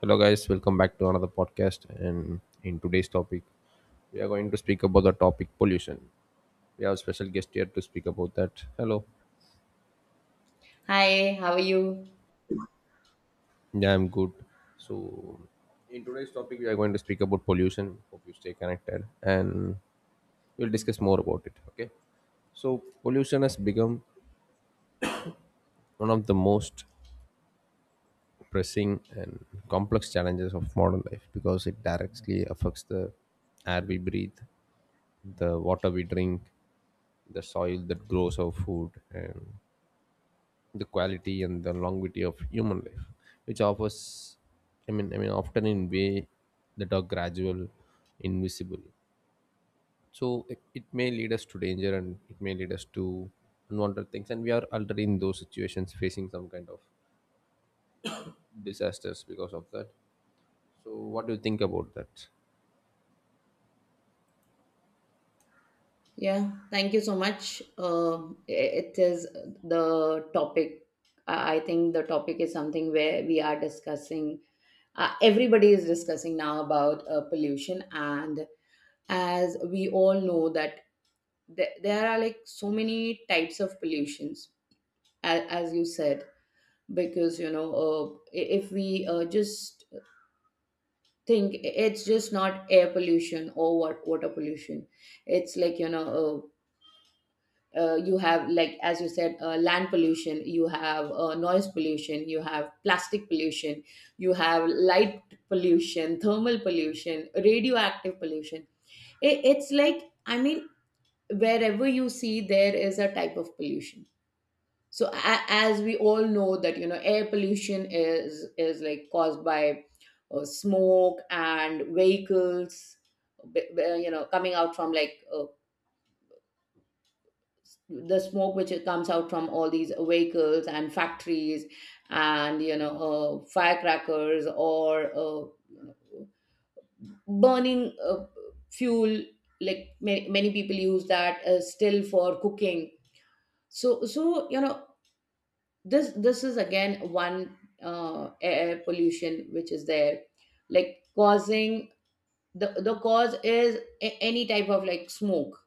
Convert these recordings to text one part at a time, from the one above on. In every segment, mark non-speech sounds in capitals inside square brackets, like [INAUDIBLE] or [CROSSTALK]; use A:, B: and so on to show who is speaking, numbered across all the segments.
A: Hello, guys. Welcome back to another podcast. And in today's topic, we are going to speak about the topic pollution. We have a special guest here to speak about that. Hello.
B: Hi, how are you?
A: Yeah, I'm good. So, in today's topic, we are going to speak about pollution. Hope you stay connected and we'll discuss more about it. Okay. So, pollution has become one of the most pressing and complex challenges of modern life because it directly affects the air we breathe, the water we drink, the soil that grows our food, and the quality and the longevity of human life, which offers, I mean, often in way that are gradual, invisible. So it may lead us to danger and it may lead us to unwanted things, and we are already in those situations facing some kind of disasters because of that. So, what do you think about that?
B: Yeah, thank you so much. It is the topic. I think the topic is something where we are discussing. Everybody is discussing now about pollution, and as we all know that there are like so many types of pollutions, as you said, because you know, if we just think it's just not air pollution or water pollution. It's like, you know, uh, you have, like as you said, land pollution, you have noise pollution, you have plastic pollution, you have light pollution, thermal pollution, radioactive pollution. It's like, I mean, wherever you see there is a type of pollution. So as we all know that, you know, air pollution is like caused by smoke and vehicles, you know, coming out from like the smoke which comes out from all these vehicles and factories. And you know, firecrackers or burning fuel, like many, many people use that still for cooking. So you know, this is again one air pollution which is there, like causing. The cause is any type of like smoke.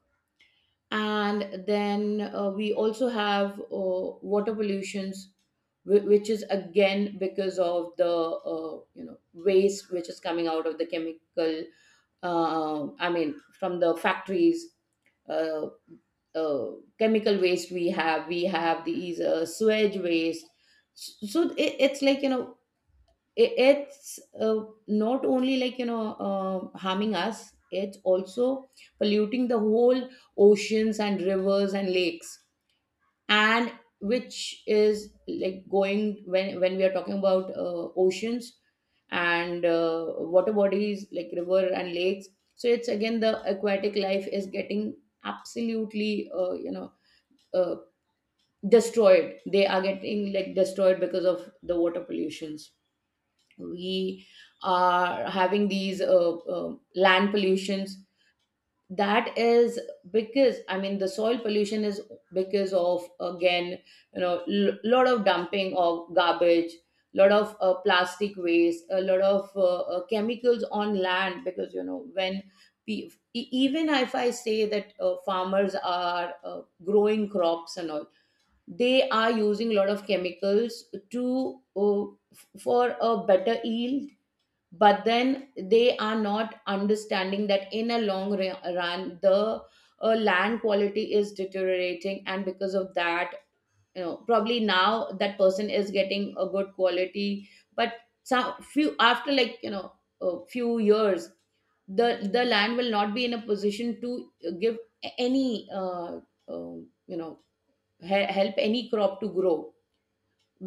B: And then we also have water pollutions, which is again because of the you know, waste which is coming out of the chemical, I mean, from the factories. uh, uh, Chemical waste, we have these sewage waste. So it's like, you know, it's not only, like you know, harming us, it's also polluting the whole oceans and rivers and lakes. And which is like going, when we are talking about oceans and water bodies like river and lakes. So it's again, the aquatic life is getting absolutely, you know, uh, destroyed. They are getting like destroyed because of the water pollutions. We are having these land pollutions, that is because, I mean, the soil pollution is because of, again, you know, lot of dumping of garbage, lot of plastic waste, a lot of chemicals on land, because you know, when even if I say that farmers are growing crops and all, they are using a lot of chemicals to for a better yield. But then they are not understanding that in a long run the land quality is deteriorating, and because of that, you know, probably now that person is getting a good quality, but some few after, like you know, a few years, the land will not be in a position to give any uh, you know, help any crop to grow.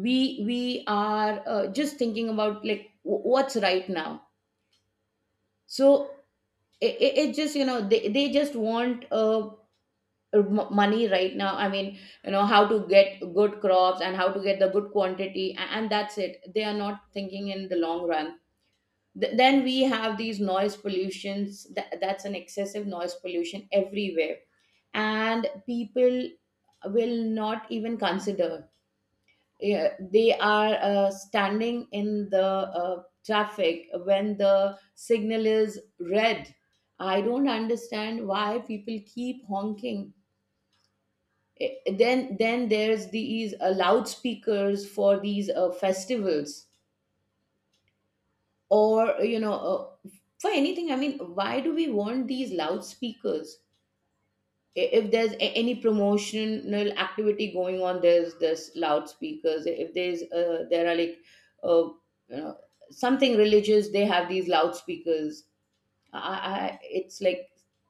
B: We are just thinking about like what's right now. So it just, you know, they just want money right now, I mean, you know, how to get good crops and how to get the good quantity, and that's it. They are not thinking in the long run. Then we have these noise pollutions, that's an excessive noise pollution everywhere, and people will not even consider. Yeah, they are standing in the traffic when the signal is red. I don't understand why people keep honking. Eh, then there's these loudspeakers for these festivals, or you know, for anything. I mean, why do we want these loudspeakers? If there's any promotional activity going on, there's this loudspeakers. If there's there are like uh, you know, something religious, they have these loudspeakers. I it's like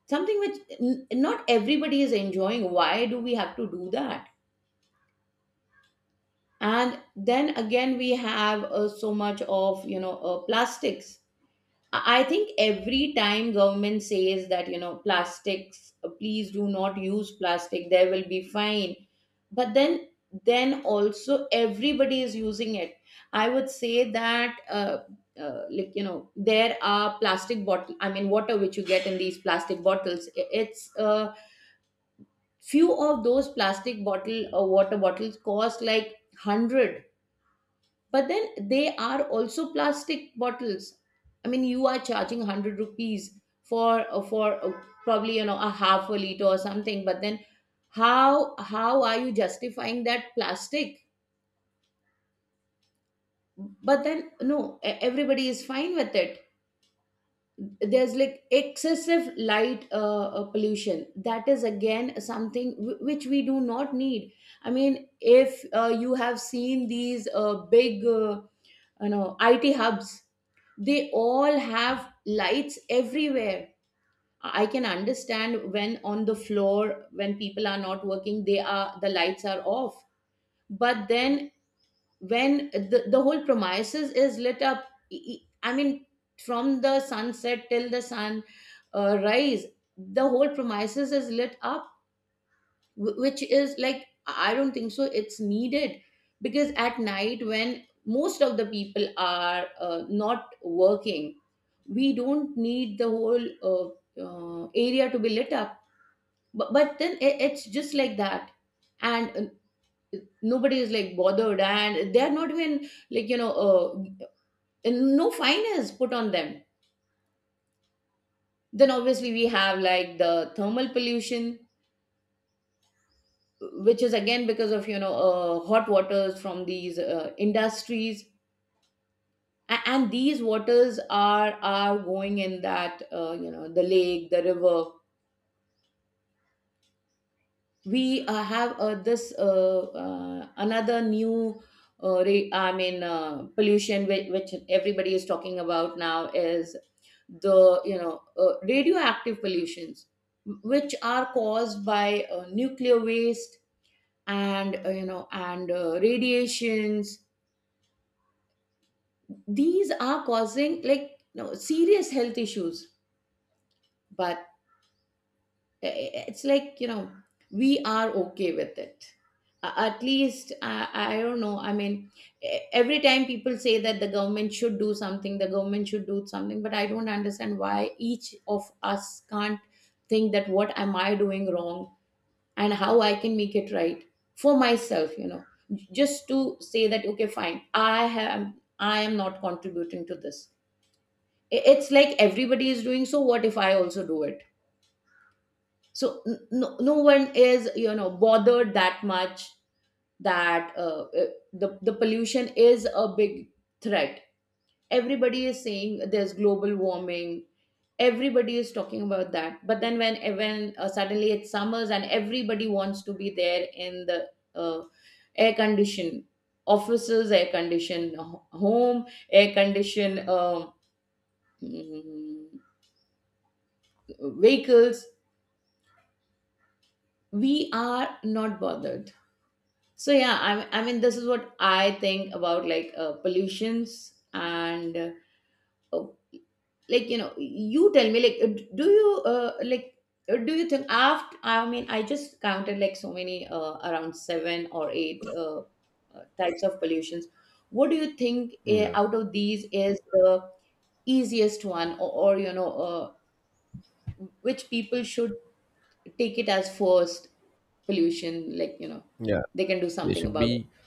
B: something which not everybody is enjoying. Why do we have to do that? And then again we have so much of, you know, plastics. I think every time government says that, you know, plastics, please do not use plastic, there will be fine. But then also everybody is using it. I would say that, like, you know, there are plastic bottle, I mean, water which you get in these plastic bottles. It's few of those plastic bottle or water bottles cost like 100, but then they are also plastic bottles. I mean, you are charging ₹100 for probably, you know, a half a liter or something. But then, how are you justifying that plastic? But then, no, everybody is fine with it. There's like excessive light pollution. That is again something which we do not need. I mean, if you have seen these big you know, IT hubs, they all have lights everywhere. I can understand, when on the floor when people are not working, they are, the lights are off. But then when the whole premises is lit up, I mean, from the sunset till the sun rise, the whole premises is lit up, which is like, I don't think so it's needed. Because at night, when most of the people are not working, we don't need the whole uh, area to be lit up. But then it's just like that, and nobody is like bothered, and they're not even like, you know, and no fine is put on them. Then obviously we have like the thermal pollution, which is again because of, you know, hot waters from these industries, and these waters are going in that, you know, the lake, the river. We have this another new I mean, pollution which everybody is talking about now is the, you know, radioactive pollutions, which are caused by nuclear waste and you know, and radiations. These are causing, like you know, serious health issues. But it's like, you know, we are okay with it. At least I don't know, I mean, every time people say that the government should do something, the government should do something, but I don't understand why each of us can't think that, what am I doing wrong and how I can make it right for myself, you know, just to say that, okay, fine, I am not contributing to this. It's like everybody is doing, so what if I also do it. So no, no one is, you know, bothered that much, that the pollution is a big threat. Everybody is saying there's global warming. Everybody is talking about that, but then when suddenly it's summers, and everybody wants to be there in the uh, air condition offices, air condition home, air condition, mm, vehicles, we are not bothered. So yeah, I mean, this is what I think about, like, pollutions and uh, like, you know, you tell me, like, do you think, after, I mean, I just counted like so many, around seven or eight types of pollutions. What do you think,
A: Yeah,
B: out of these is the easiest one, or you know, which people should take it as forced pollution, like you know,
A: yeah.
B: they can do
A: They
B: something
A: should
B: about
A: be
B: it?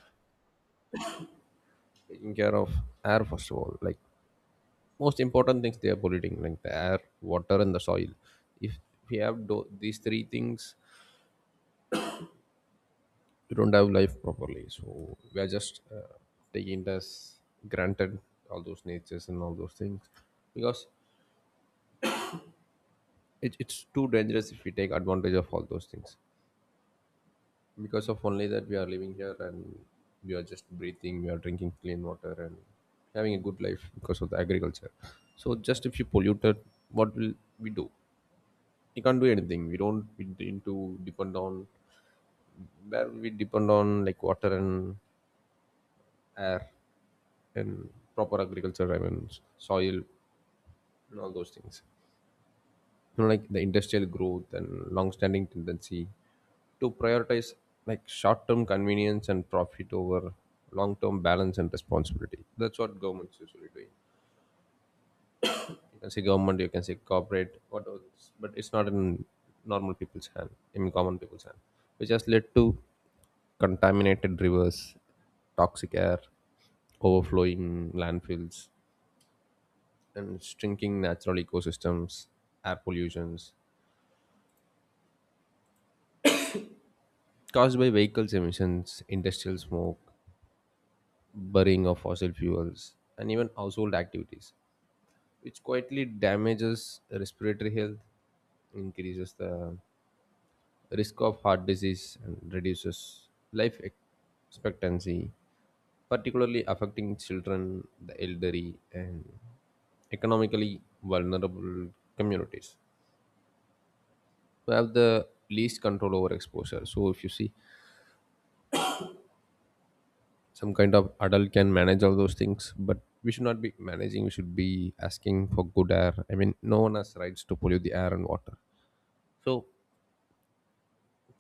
A: taking care of air first of all. Like most important things, they are polluting, like the air, water, and the soil. If we have do- these three things, we don't have life properly. So we are just taking it as granted all those natures and all those things because it's too dangerous if we take advantage of all those things. Because of only that we are living here, and we are just breathing, we are drinking clean water and having a good life because of the agriculture. So just if you pollute it, what will we do? We can't do anything. We don't, we need to depend on where we depend on, like water and air and proper agriculture, I mean, soil and all those things. You know, like the industrial growth and long-standing tendency to prioritize like short-term convenience and profit over long-term balance and responsibility. That's what governments usually doing. You can say government, you can say corporate, what else, but it's not in normal people's hand, in common people's hand, which has led to contaminated rivers, toxic air, overflowing landfills, and shrinking natural ecosystems. Air pollutions, caused by vehicles emissions, industrial smoke, burning of fossil fuels, and even household activities, which quietly damages respiratory health, increases the risk of heart disease, and reduces life expectancy, particularly affecting children, the elderly, and economically vulnerable communities who have the least control over exposure. So, if you see, some kind of adult can manage all those things, but we should not be managing. We should be asking for good air. I mean, no one has rights to pollute the air and water. So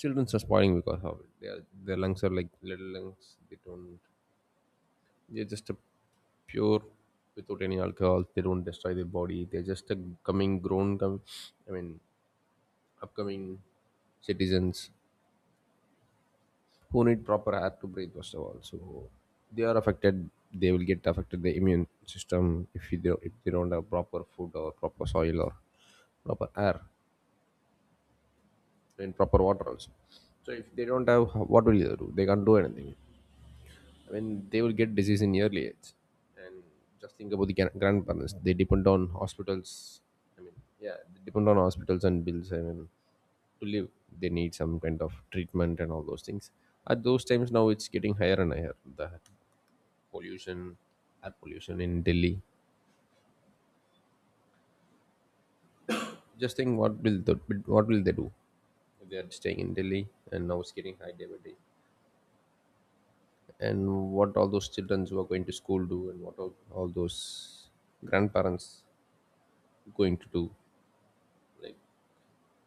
A: children are spoiling because of it. Their lungs are like little lungs. They don't, they're just a pure, without any alcohol, they don't destroy their body. They're just a coming grown com- I mean, upcoming citizens who need proper air to breathe first of all. So they are affected, they will get affected the immune system if you do, if they don't have proper food or proper soil or proper air and proper water also. So if they don't have, what will they do? They can't do anything. I mean, they will get disease in early age. And just think about the grandparents. They depend on hospitals. I mean, yeah, they depend on hospitals and bills. I mean, to live, they need some kind of treatment and all those things. At those times, now it's getting higher and higher. The pollution, air pollution in Delhi. Just think, what will the, what will they do? They are staying in Delhi and now it's getting high day by day. And what all those children who are going to school do, and what all those grandparents going to do? Like,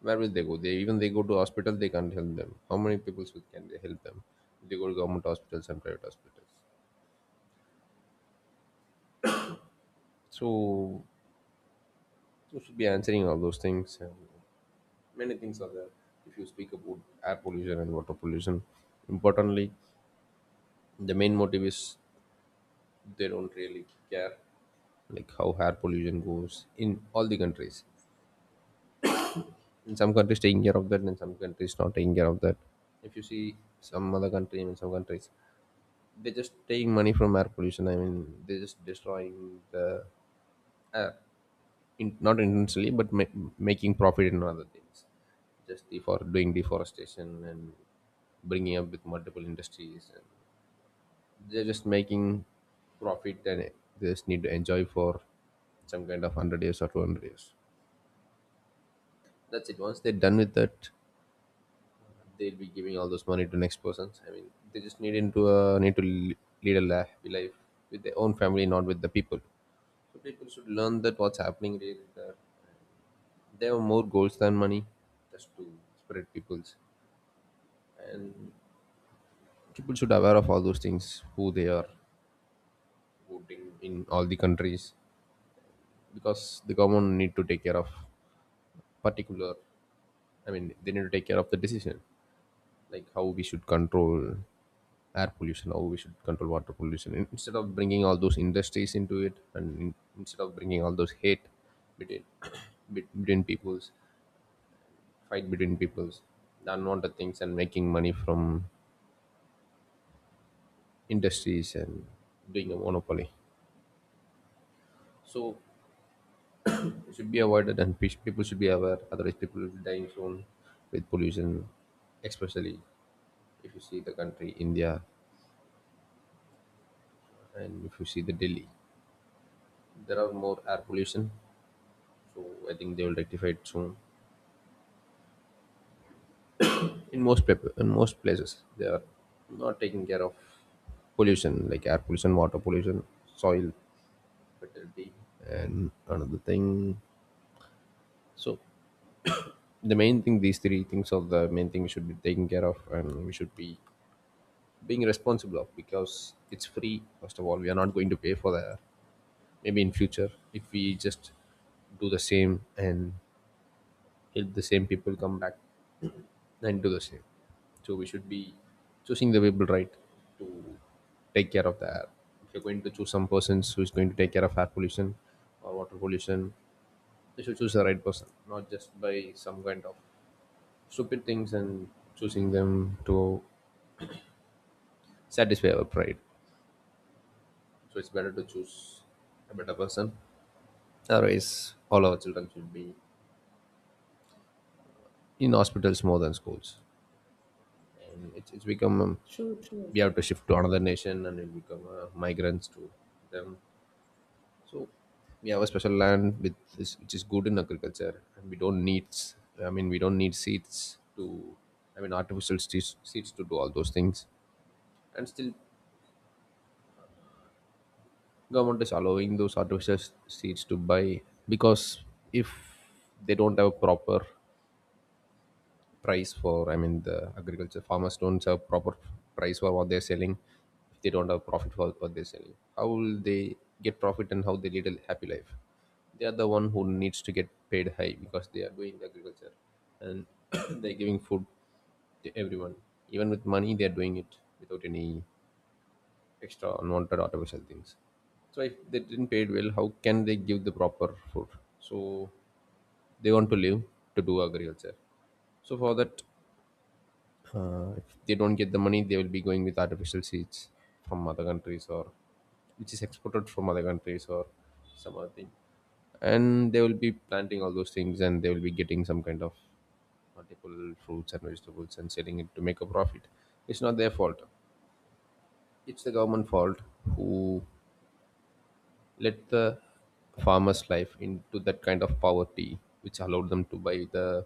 A: where will they go? They even they go to hospital, they can't help them. How many people can they help them? They go to government hospitals and private hospitals. So you should be answering all those things, and many things are there. If you speak about air pollution and water pollution, importantly, the main motive is they don't really care like how air pollution goes in all the countries. In some countries taking care of that, in some countries not taking care of that. If you see some other country, in some countries, they're just taking money from air pollution. I mean, they're just destroying the air, in, not intentionally, but making profit in other things. Just the for doing deforestation and bringing up with multiple industries. And they're just making profit, and they just need to enjoy for some kind of hundred years or 200 years. That's it. Once they're done with that, they'll be giving all those money to next persons. I mean, they just need to lead a life with their own family, not with the people. So people should learn that what's happening really. That there are more goals than money, just to spread people's. And people should aware of all those things, who they are voting in all the countries, because the government need to take care of particular. I mean, they need to take care of the decision, like how we should control air pollution, how we should control water pollution. Instead of bringing all those industries into it, and instead of bringing all those hate between [COUGHS] between peoples, fight between peoples, the unwanted things, and making money from industries and doing a monopoly. So it should be avoided, and people should be aware. Otherwise, people will be dying soon with pollution, especially if you see the country India, and if you see the Delhi, there are more air pollution. So I think they will rectify it soon. In most people, in most places, they are not taking care of pollution like air pollution, water pollution, soil fertility, and another thing. So the main thing, these three things are the main thing we should be taking care of, and we should be being responsible of, because it's free. First of all, we are not going to pay for the air. Maybe in future, if we just do the same and help the same people come back and do the same. So we should be choosing the people right to take care of the air. If you're going to choose some persons who is going to take care of air pollution or water pollution, you should choose the right person, not just by some kind of stupid things and choosing them to satisfy our pride. So it's better to choose a better person. Otherwise, all our children should be in hospitals more than schools. And it's become,
B: True, true.
A: we have to shift to another nation, and we become migrants to them. So we have a special land with this, which is good in agriculture, and we don't need. I mean, we don't need seeds to. I mean, artificial seeds, seeds to do all those things, and still, government is allowing those artificial seeds to buy because if they don't have a proper price for, I mean, the agriculture farmers don't have proper price for what they're selling. If they don't have profit for what they're selling, how will they get profit and how they lead a happy life? They are the one who needs to get paid high because they are doing agriculture. And [COUGHS] [CLEARS THROAT] they're giving food to everyone, even with money they're doing it without any extra unwanted artificial things. So if they didn't pay it well, how can they give the proper food? So they want to live to do agriculture. So for that, if they don't get the money, they will be going with artificial seeds from other countries or which is exported from other countries or some other thing. And they will be planting all those things, and they will be getting some kind of multiple fruits and vegetables and selling it to make a profit. It's not their fault. It's the government fault who let the farmer's life into that kind of poverty which allowed them to buy the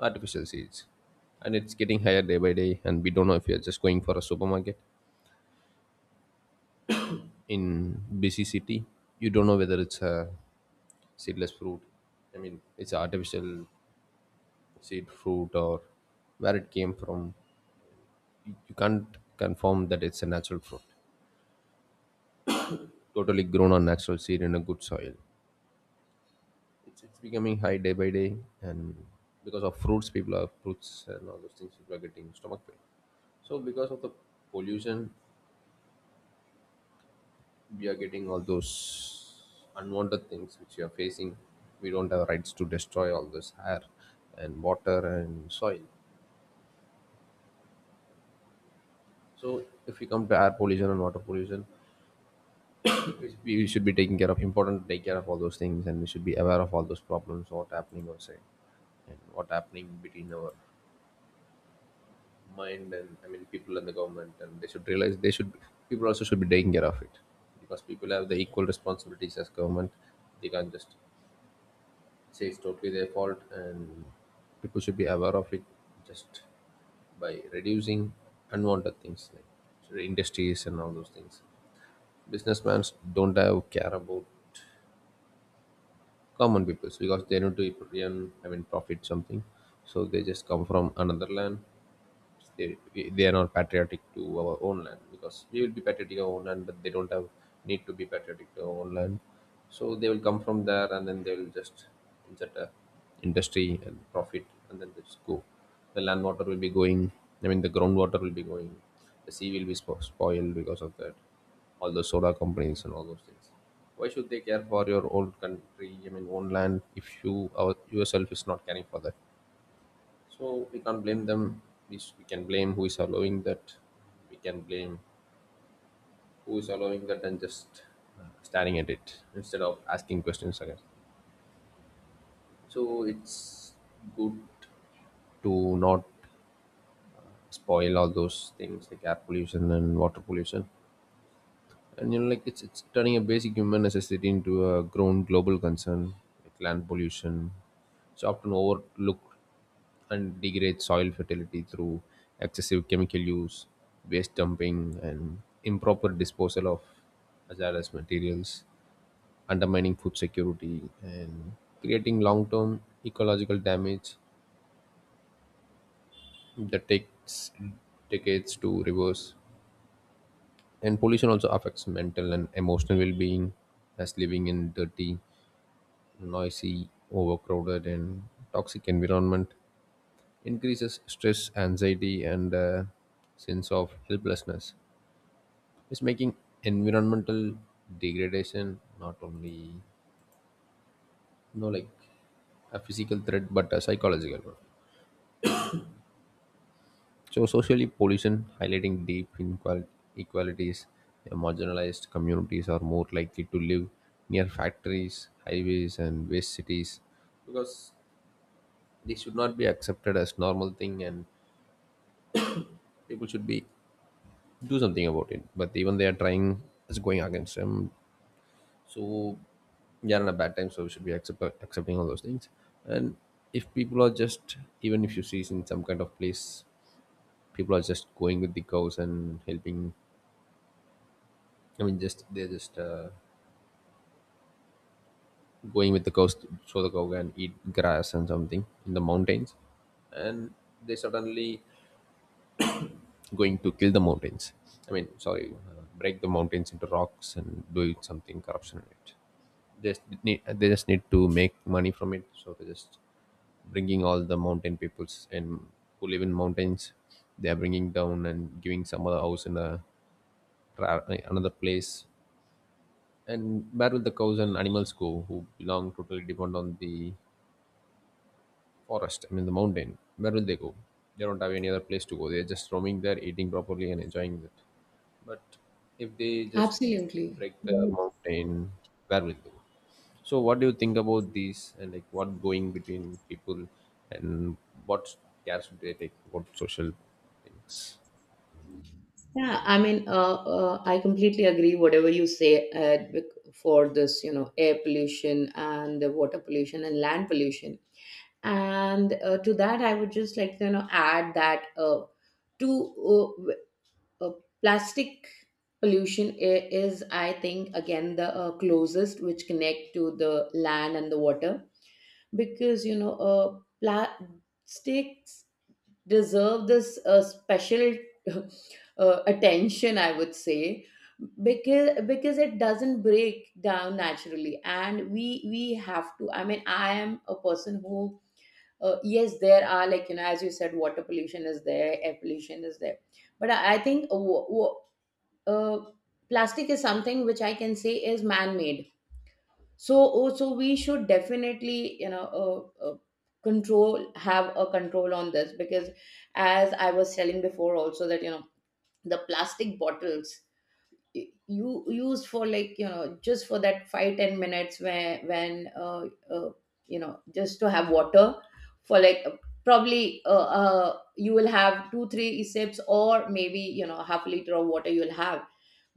A: artificial seeds, and it's getting higher day by day. And we don't know, if you're just going for a supermarket in busy city, you don't know whether it's a seedless fruit, I mean it's a artificial seed fruit, or where it came from. You can't confirm that it's a natural fruit totally grown on natural seed in a good soil. It's becoming high day by day. And because of fruits people are fruits and all those things, people are getting stomach pain. So because of the pollution, we are getting all those unwanted things which we are facing. We don't have rights to destroy all this air and water and soil. So if we come to air pollution and water pollution, we should be taking care of important to take care of all those things, and we should be aware of all those problems what happening outside and what happening between our mind and I mean people and the government, and they should realize they should people also should be taking care of it, because people have the equal responsibilities as government. They can't just say it's totally their fault, and people should be aware of it just by reducing unwanted things like industries and all those things. Businessmen don't have care about common people because they need to earn I mean profit something. So they just come from another land, they, they are not patriotic to our own land because we will be patriotic to our own land, but they don't have need to be patriotic to our own land. So they will come from there and then they will just insert a industry and profit and then they just go. The land water will be going, I mean the groundwater will be going, the sea will be spoiled because of that, all those solar companies and all those things. Why should they care for your own country, I mean own land, if you yourself is not caring for that? So we can't blame them. We can blame who is allowing that. We can blame who is allowing that and just staring at it instead of asking questions again. So it's good to not spoil all those things like air pollution and water pollution. And you know like it's turning a basic human necessity into a grown global concern. Like land pollution, it's often overlooked and degrades soil fertility through excessive chemical use, waste dumping, and improper disposal of hazardous materials, undermining food security and creating long-term ecological damage that takes decades to reverse. And pollution also affects mental and emotional well-being, as living in dirty, noisy, overcrowded, and toxic environment increases stress, anxiety, and a sense of helplessness. It's making environmental degradation not only know like a physical threat but a psychological one. So socially pollution highlighting deep inequalities, marginalized communities are more likely to live near factories, highways, and waste cities, because they should not be accepted as normal thing and people should be do something about it, but even they are trying, it's going against them. So we are in a bad time, so we should be accepting all those things. And if people are just, even if you see in some kind of place, people are just going with the cows and helping, I mean just they're just going with the cows so the cow can eat grass and something in the mountains. And they suddenly going to kill the mountains. I mean, sorry, break the mountains into rocks and do something corruption in it. They just need to make money from it, so they just bringing all the mountain peoples and who live in mountains. They are bringing down and giving some other house in a tra- another place. And where will the cows and animals go who belong totally depend on the forest, I mean the mountain, where will they go? They don't have any other place to go. They're just roaming there, eating properly and enjoying it. But if they just
B: Absolutely
A: break the
B: right.
A: mountain, where will they go? So, what do you think about these and like what going between people and what cares should they take about social things?
B: Yeah, I mean, I completely agree whatever you say, for this, you know, air pollution and the water pollution and land pollution. And to that, I would just like to, you know, add that to w- uh, plastic pollution is, I think, again the closest which connect to the land and the water. Because you know, plastics deserve this special [LAUGHS] attention, I would say. Because it doesn't break down naturally, and we have to, I mean, I am a person who yes, there are like, you know, as you said, water pollution is there, air pollution is there, but I think, uh, plastic is something which I can say is man made. So we should definitely, you know, uh, uh, control have a control on this, because as I was telling before also that, you know, the plastic bottles you used for, like you know, just for that 5-10 minutes where when you know, just to have water for like probably, you will have 2-3 sips, or maybe you know, half a liter of water you'll have.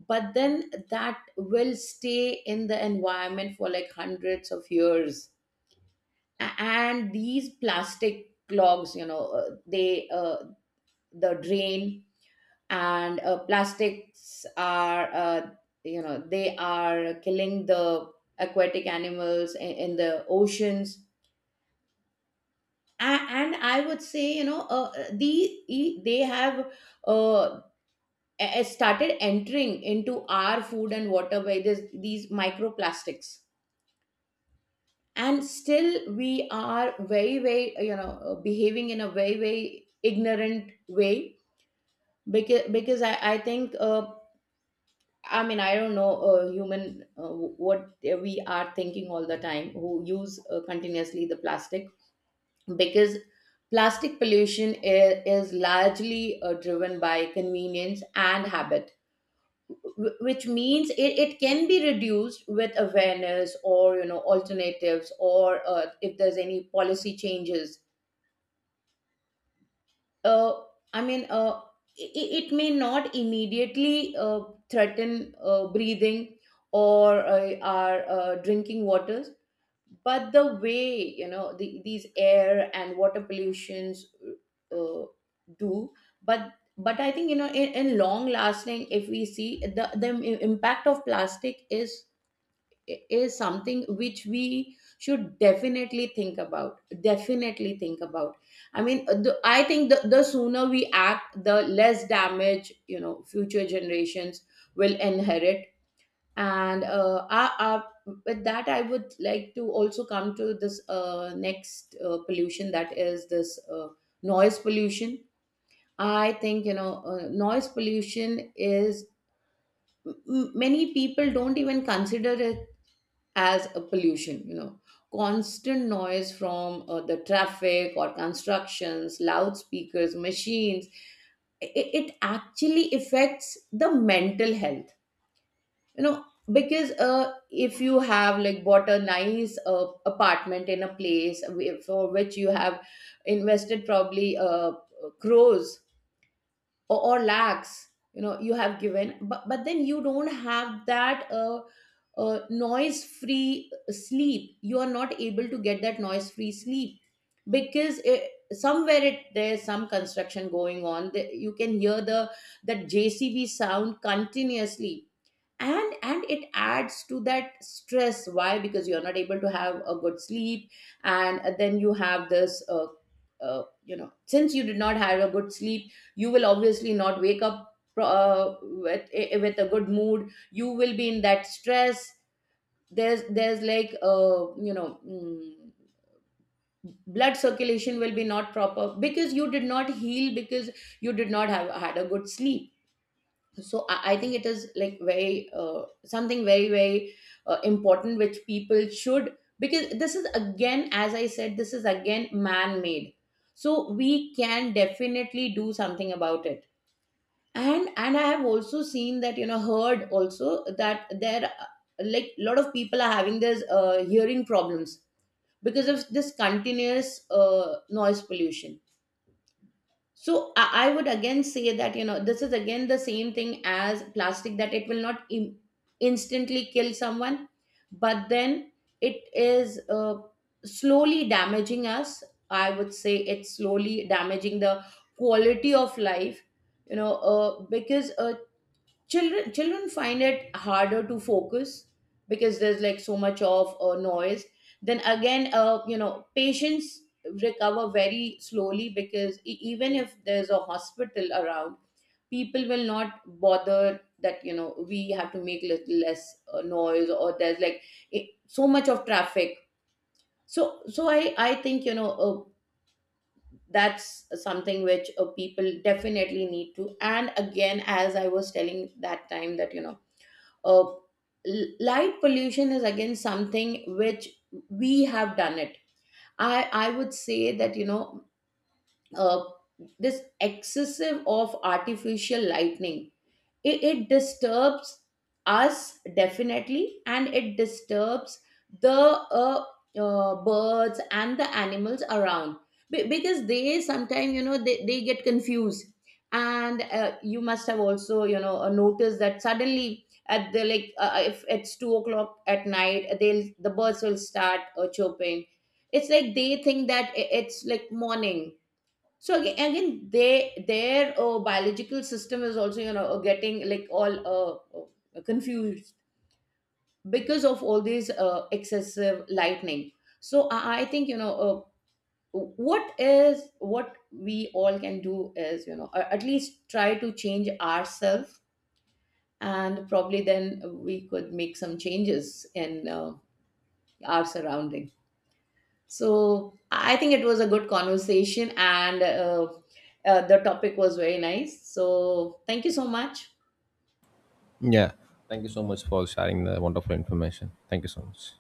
B: But then that will stay in the environment for like hundreds of years. And these plastic clogs, you know, the drain, and plastics are, you know, they are killing the aquatic animals in the oceans. And I would say, you know, they have uh, started entering into Our food and water by this, these microplastics. And still we are very behaving in a very very ignorant way. Because I think, I mean, I don't know, human, what we are thinking all the time, who use continuously the plastic. Because plastic pollution is largely driven by convenience and habit, which means it can be reduced with awareness or alternatives, or if there's any policy changes. uh, I mean, uh, it may not immediately threaten breathing or our drinking waters. But the way these air and water pollutions uh, do, but but I think in long lasting, if we see the impact of plastic, is something which we should definitely think about, definitely think about. I mean I think the sooner we act, the less damage future generations will inherit. and uh, I, I, with that, I would like to also come to this next pollution, that is this noise pollution. I think noise pollution is, many people don't even consider it as a pollution, you know. Constant noise from the traffic or constructions, loudspeakers, machines, it actually affects the mental health, you know. Because if you have like bought a nice apartment in a place for which you have invested, probably crores or lakhs, you know, you have given, but then you don't have that noise free sleep. You are not able to get that noise free sleep, because somewhere it there's some construction going on. You can hear the, that JCB sound continuously. And it adds to that stress. Why? Because you're not able to have a good sleep. And then you have this, you know, since you did not have a good sleep, you will obviously not wake up with a good mood. You will be in that stress. There's like, blood circulation will be not proper, because you did not heal, because you did not have had a good sleep. So I think it is like very something very very important, which people should, because this is again, as I said, this is again man made, so we can definitely do something about it. And I have also seen that, you know, heard also, that there like a lot of people are having this hearing problems, because of this continuous noise pollution. So I would again say that, you know, this is again the same thing as plastic, that it will not instantly kill someone, but then it is slowly damaging us. I would say it's slowly damaging the quality of life. You know, because children find it harder to focus, because there's like so much of noise. Then again, patients recover very slowly, because even if there's a hospital around, people will not bother that, you know, we have to make little less noise, or there's like so much of traffic. So I think that's something which people definitely need to. And again, as I was telling that time, that you know, uh, light pollution is again something which we have done it. I i would say that, you know, uh, this excessive of artificial lightning, it disturbs us definitely, and it disturbs the birds and the animals around. Because they sometimes, you know, they get confused. And you must have also, you know, noticed that suddenly at the, if it's 2 o'clock at night, the birds will start chirping. It's like they think that it's like morning. So again, they their biological system is also, you know, getting like all confused, because of all these excessive lightning. So I think, you know, what we all can do is, you know, at least try to change ourselves, and probably then we could make some changes in our surrounding. So I think it was a good conversation, and the topic was very nice. So thank you so much.
A: Yeah. Thank you so much for sharing the wonderful information. Thank you so much.